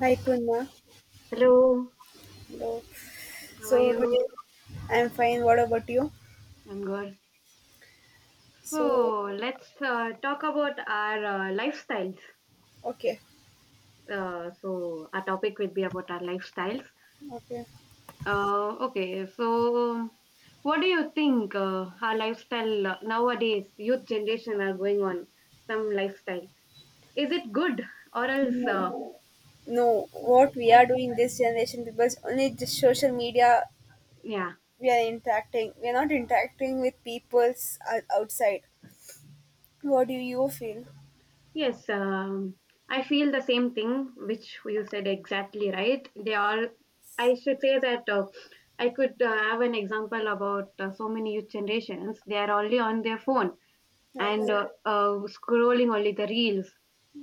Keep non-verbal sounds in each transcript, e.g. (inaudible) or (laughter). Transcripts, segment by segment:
Hi Punya. Hello, Hello. how are So you? today I'm fine. What about you? I'm good. So So let's talk about our lifestyles. okay, So our topic will be about our lifestyles. okay. Okay, so what do you think our lifestyle nowadays, youth generation are going on some lifestyle? Is it good or else? No, no. What we are doing this generation, people, only the social media. Yeah. We are interacting. We are not interacting with peoples outside. What do you feel? Yes, I feel the same thing, which you said exactly right. They are, I should say that I could have an example about so many youth generations. They are only on their phone and Yes. Scrolling only the reels.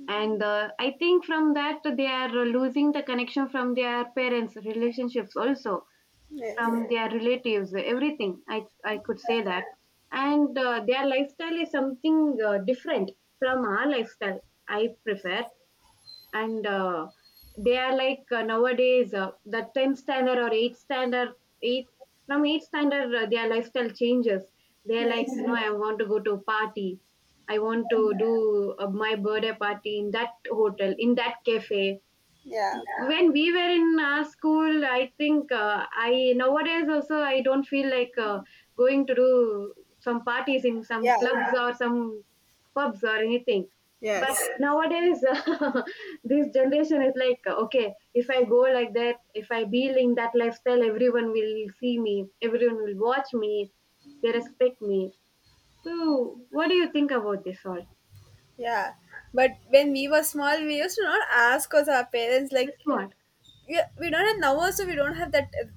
And I think from that, they are losing the connection from their parents' relationships also, Yes. from their relatives, everything. I could Yeah. say that, and their lifestyle is something different from our lifestyle I prefer. And they are like nowadays, the 10th standard or 8th standard, 8, from 8th standard, their lifestyle changes. They are like, Yes. no, I want to go to a party, I want to do my birthday party in that hotel, in that cafe. Yeah. When we were in our school, I think I, nowadays also, I don't feel like going to do some parties in some Yeah. clubs or some pubs or anything, but Yes. nowadays (laughs) this generation is like, okay, if I go like that, if I be in that lifestyle, everyone will see me, everyone will watch me, they respect me. So what do you think about this all, Yeah. But when we were small, we used to not ask us our parents like, this one? yeah, we don't have now also we don't have that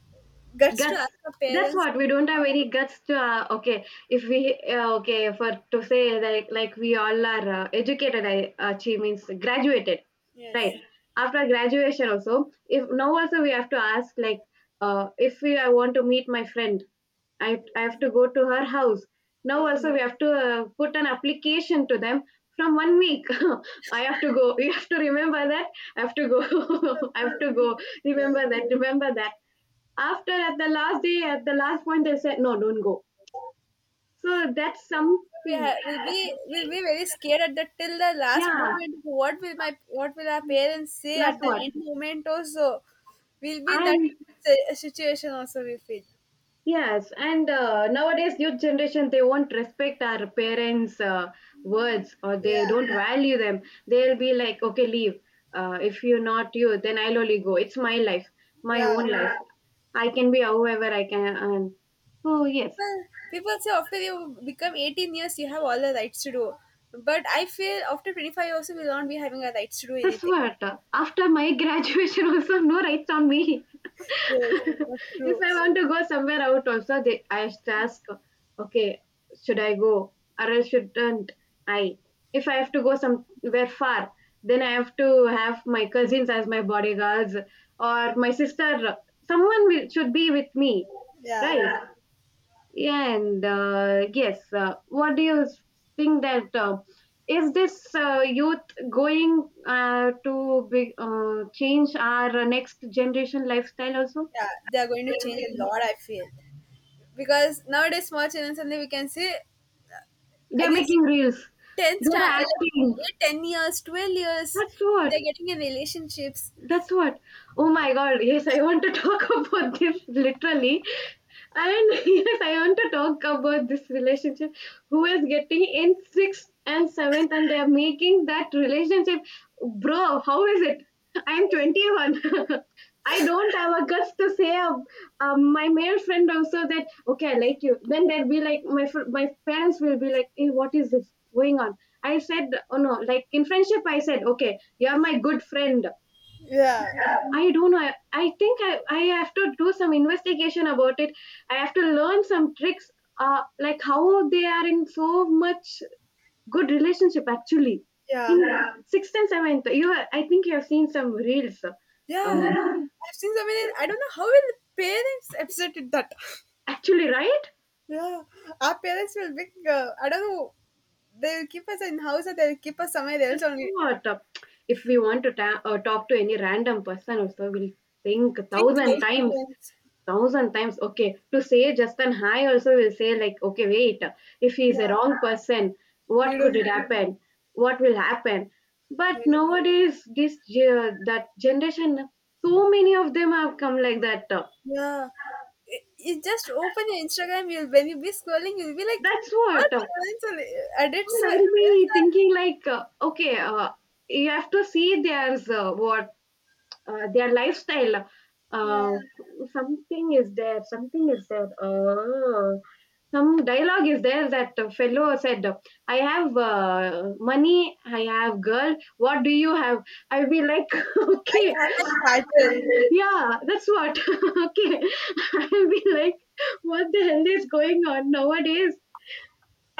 guts to Guts, ask our that's parents what. We to. don't have any guts to okay, if we okay, for to say, like we all are educated, I she means graduated, right? Yes, After graduation also, if now also we have to ask, like if we I want to meet my friend, I, yes, I have to go to her house. Now yes. also we have to put an application to them from one week. (laughs) I have to go. You have to remember that. I have to go. (laughs) I have to go. So, Remember that. Remember that. After at the last day, at the last point, they said, no, don't go. So that's something. Will be very scared at the till the last Yeah, moment, what will my, what will our parents say at that's the what. end moment also. We'll be in that And situation also we feel, yes, and nowadays youth generation, they won't respect our parents' words or they yeah, don't value them. They'll be like, okay, leave. If you're not you, then I'll only go. It's my life, my yeah. own life. I can be however I can. And so yes, people People say after you become 18 years you have all the rights to do, but I feel after 25 also we will not be having our rights to do that's anything. what. After my graduation, (laughs) also no rights on me. (laughs) Yes, that's If true. I want to go somewhere out, also they, I should ask, okay, should I go or else shouldn't I? If I have to go somewhere far, then I have to have my cousins as my bodyguards or my sister. Someone will, should be with me, Yeah, right? Yeah. Yeah, and yes, what do you think that is this youth going to be, change our next generation lifestyle also? yeah, they're going to change a lot. I feel because nowadays small children suddenly we can say, I They're guess making reels. They're like, acting. yeah, 10 years, 12 years, That's they're what. getting in relationships. That's what. Oh my God, yes, I want to talk (laughs) about this literally. And (laughs) yes, I want to talk about this relationship who is getting in sixth and seventh, and they are making that relationship. Bro, how is it? I'm 21. (laughs) I don't have a guts to say my male friend also that, okay, I like you. Then they'll be like my parents will be like, hey, what is this going on? I said, oh no, like in friendship I said, okay, you're my good friend. Yeah, I don't know. I think I have to do some investigation about it. I have to learn some tricks, like how they are in so much good relationship actually. yeah, In, yeah, sixth and seventh, you I think you have seen some reels. Yeah. Yeah. I've seen so many. I don't know how will the parents accept it that. (laughs) Actually, right? Yeah, our parents will be. I don't know. They'll keep us in house or they'll keep us somewhere else Just only. what? If we want to talk to any random person, also we'll think a Think thousand thousand times, times. thousand times, okay, to say just an hi also will say like, okay, wait, if he's Yeah, a wrong person, we what could don't. it happen, what will happen, but nowadays that generation, so many of them have come like that, Yeah, y you just open your Instagram, you'll, when you be scrolling, you'll be like, that's "What what. Events are edits?" And I'll events be are. thinking like, okay, you have to see there's what their lifestyle, Yeah, uh, something is there, something is there. Some dialogue is there that the fellow said, I have money, I have girl, what do you have? I'll be like (laughs) I okay, haven't started. yeah, that's what, (laughs) okay, I'll be like, what the hell is going on nowadays?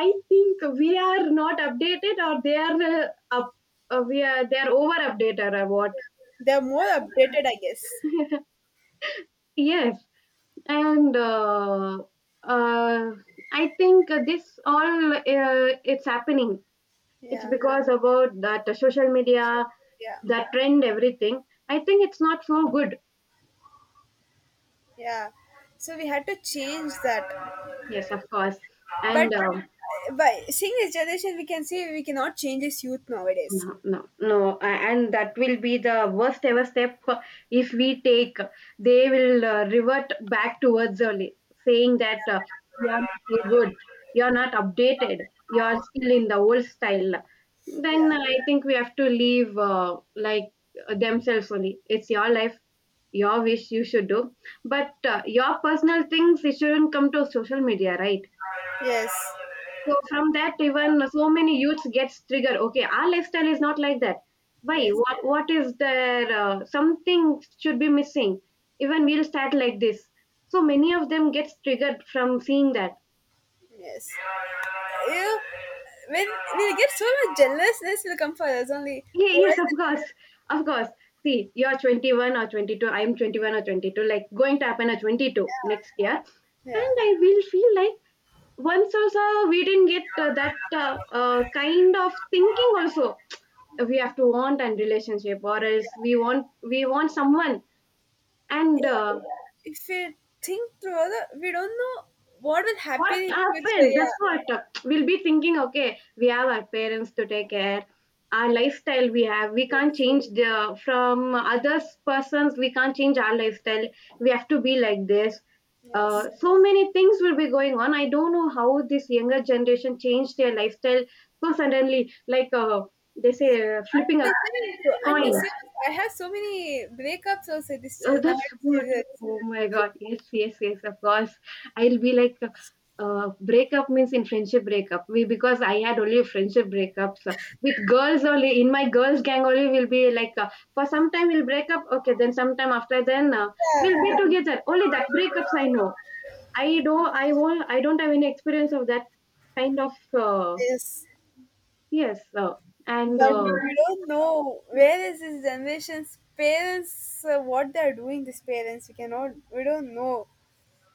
I think we are not updated or they are up, we are, they are over updated or what? They're more updated, I guess. (laughs) Yes, and uh, I think this all, it's happening, it's Yeah. because about that social So- media, yeah, that trend, everything, I think it's not so good. yeah. So we had to change that, Yes, of course. but And by seeing this generation, we can see we cannot change this youth nowadays. no, no, no, and that will be the worst ever step if we take. They will revert back towards early, saying that you are not so good, you are not updated, you are still in the old style. Yeah. Then I think we have to leave, like themselves only. It's your life, your wish you should do, but your personal things it shouldn't come to social media, right? Yes. So from that, even so many youths gets triggered. Okay, our lifestyle is not like that. Why? Yes. What? What is there? Something should be missing. Even we'll start like this. So many of them gets triggered from seeing that. Yes. You, when we get so much jealousness will come for us only. Yeah, Why? yes, of course, of course. See, you're 21 or 22. I'm 21 or 22. Like going to happen at 22 next year, and Yeah. I will feel like once also we didn't get that kind of thinking also. We have to want a relationship or else we want someone. And Yeah, if we think through further, we don't know what will happen what in future. happened, that's Yeah. what. We'll be thinking, okay, we have our parents to take care, our lifestyle we have, we can't Yes. change the from others persons, we can't change our lifestyle, we have to be like this. Yes. So many things will be going on. I don't know how this younger generation changed their lifestyle so suddenly, like they say flipping They a said it too. And they coin. say I have so many breakups also this Oh, that's nowadays. good. Oh my God. Yes, yes, yes, of course. I'll be like, breakup means in friendship breakup. We, because I had only friendship breakups with girls only. In my girls' gang only, we'll be like, for some time we'll break up. Okay, then sometime after then Yeah. we'll be together. Only that breakups I know. I don't. I won't. I don't have any experience of that kind of. Uh, Yes. yes. And But uh, we don't know where is this generation's parents, what they are doing, these parents. We cannot, we don't know.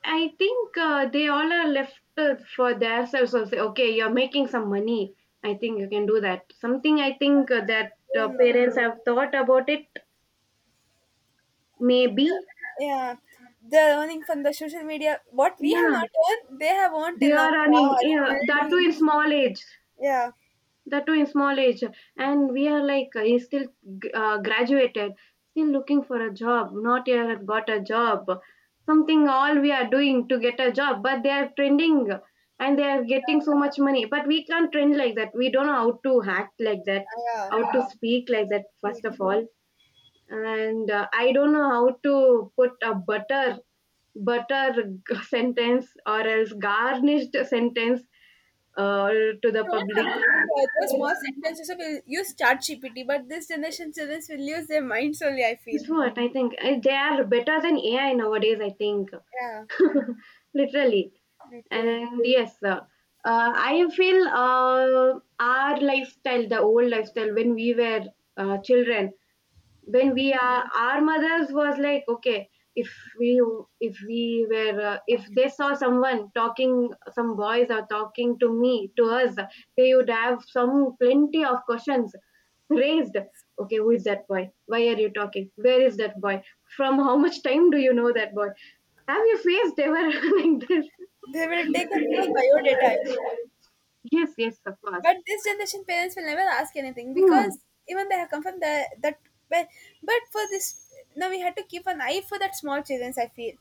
I think they all are left, for themselves. So say, okay, you're making some money. I think you can do that. Something I think that We don't know. parents have thought about it. Yeah, Maybe, yeah. They're earning from the social media. What we have yeah, not earned, they have earned they till now. are earning. Cars, Yeah, that too buildings. in small age. Yeah, That too in small age, and we are like he's still graduated, still looking for a job. Not yet have got a job. Something all we are doing to get a job, but they are trending and they are getting so much money. But we can't trend like that. We don't know how to act like that, yeah, how to speak like that. First neat. of all, and I don't know how to put a butter (laughs) sentence or else garnished sentence uh, to If the you want public. something on the other small sentences, will use chat GPT, but this generation children will use their minds only, I feel. That's what I think. They are better than AI nowadays, I think. Yeah, (laughs) Literally. literally. And yes, I feel our lifestyle, the old lifestyle, when we were children, when we are, our mothers was like, okay, if we if we were if they saw someone talking, some boys are talking to me, to us, they would have some plenty of questions raised. Okay, who is that boy? Why are you talking? Where is that boy? From how much time do you know that boy? Have you faced ever (laughs) like this? They will take a full bio data, I feel. Yes, yes, of course. But this generation parents will never ask anything Hmm. because even they have confirmed that but, for this now we had to keep an eye for that small children, I feel.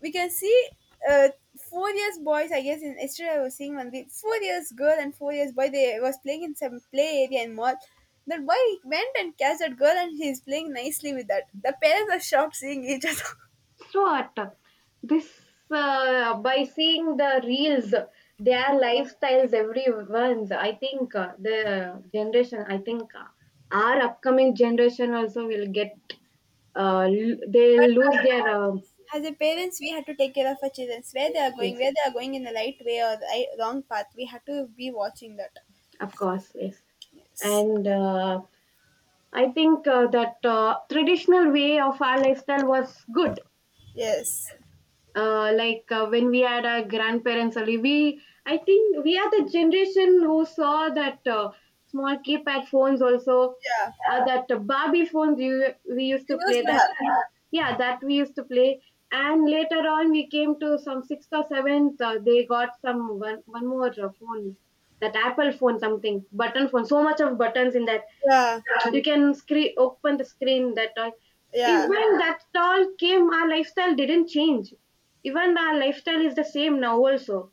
We can see uh, 4 years boys, I guess. In yesterday I was seeing one, the 4 years girl and 4 years boy, they was playing in some play area in mall. That boy went and catch that girl and he's playing nicely with that, the parents are shocked seeing each other. So what? This by seeing the reels, their lifestyles, everyone's. I think the generation. I think our upcoming generation also will get. They (laughs) But lose their. As a parents, we had to take care of our children, where they are going, Yes. where they are going, in the right way or the right, wrong path we had to be watching that. Of course, yes. Yes, And I think that traditional way of our lifestyle was good, yes, like when we had our grandparents only, we, I think we are the generation who saw that, small keypad phones also, yeah. That barbie phones, you, we used We to play used to have, that. Yeah, that we used to play. And later on we came to some sixth or seventh, they got some one more phone, that Apple phone, something button phone, so much of buttons in that, yeah, you can screen, open the screen, that all. yeah. Even that all came, our lifestyle didn't change, even our lifestyle is the same now also.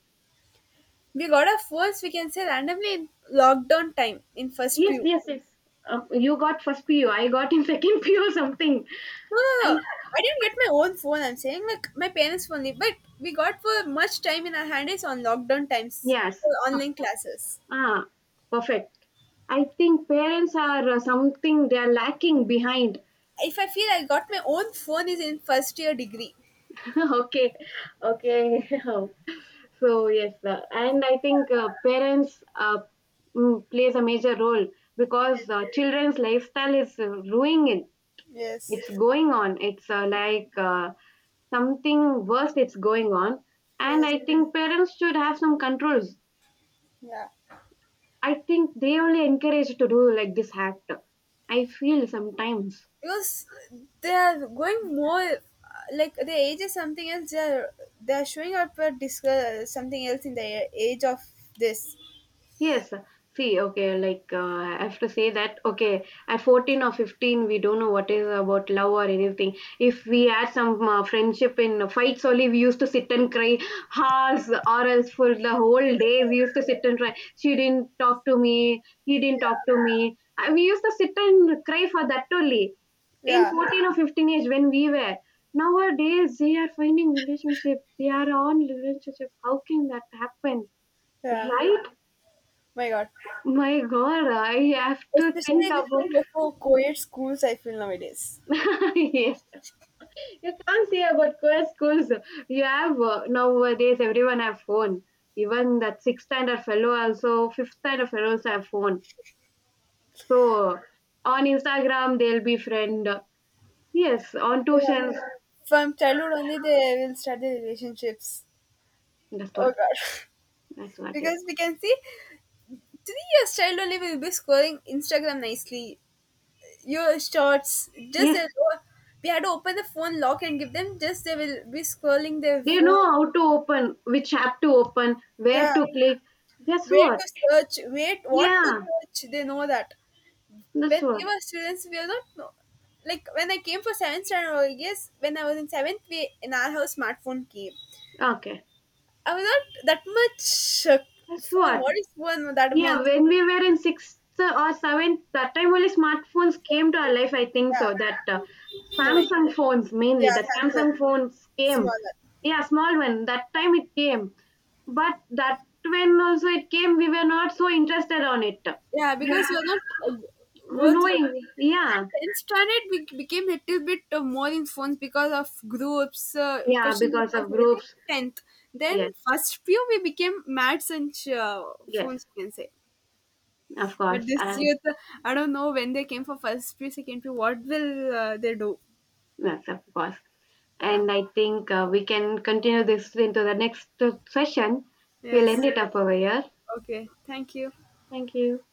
We got our phones, we can say randomly in lockdown time in first Yes, pew. yes, yes. You got first pu, got in (laughs) second pu or something. No, no, I no. I didn't get my own phone, I'm saying like my parents' phone, but we got for much time in our hand is on lockdown times for Yes, of online course. classes. Ah, perfect. I think parents are, something, they are lacking behind. If I feel I got my own phone is in first year degree. (laughs) Okay, okay. (laughs) So yes, and I think parents uh, plays a major role, because children's lifestyle is ruining, Yes, it's going on, it's like something worse it's going on. And yes, I think parents should have some controls. yeah. I think they only encourage to do like this act, I feel sometimes. Because they are going more like the age is something else. They are, they are showing up a something else in the age of this. Yes. See, okay, like I have to say that, okay, at 14 or 15, we don't know what is about love or anything. If we had some friendship in fights only, we used to sit and cry hours or else for the whole day. We used to sit and cry. She didn't talk to me. He didn't talk to me. We used to sit and cry for that only in Yeah, 14 or 15 age when we were. Nowadays, they are finding relationship. They are on relationship. How can that happen? yeah. Right? My God. My God, I have to Especially think with about. all for co-ed schools, I feel nowadays. (laughs) Yes. You can't say about co-ed schools. You have, nowadays everyone have phone. Even that sixth standard fellow, also fifth standard fellows have phone. So on Instagram they'll be friend. Yes, on Yeah. tuitions. From childhood only, they will start the relationships. That's Oh what. God. That's (laughs) what it is. Because we can see 3 years child only will be scrolling Instagram nicely. Your shorts, just Yes, we had to open the phone lock and give them. Just they will be scrolling their they phone. know how to open, which app to open, where Yeah, to click. Guess where what? to search, wait, what to Yeah, search. They know that. that's When we what. were students, we are not know. Like when I came for seventh standard, I guess when I was in seventh, we in our house smartphone came. Okay, I was not that much that's phone. what. What is phone? That much Yeah, when we were in sixth or seventh, that time only smartphones phone came to our came. life. I think so that, Yeah, no, like Samsung phones yeah, mainly, the Samsung Samsung phones came. smaller. Yeah, small one. That time it came, but that when also it came, we were not so interested on it. Yeah, because we are not go Knowing, and yeah, tenth standard. We became a little bit more in phones because of groups, yeah, question because papers, of everything. groups. Tenth, then Yes, first few we became maths and yes, phones, you can say. of But course, this and youth, I don't know when they came for first pre, second pre, what will they do? yes, of course. Yeah. And I think we can continue this into the next session. We'll end Yes. it up over here. Okay. Thank you. Thank you.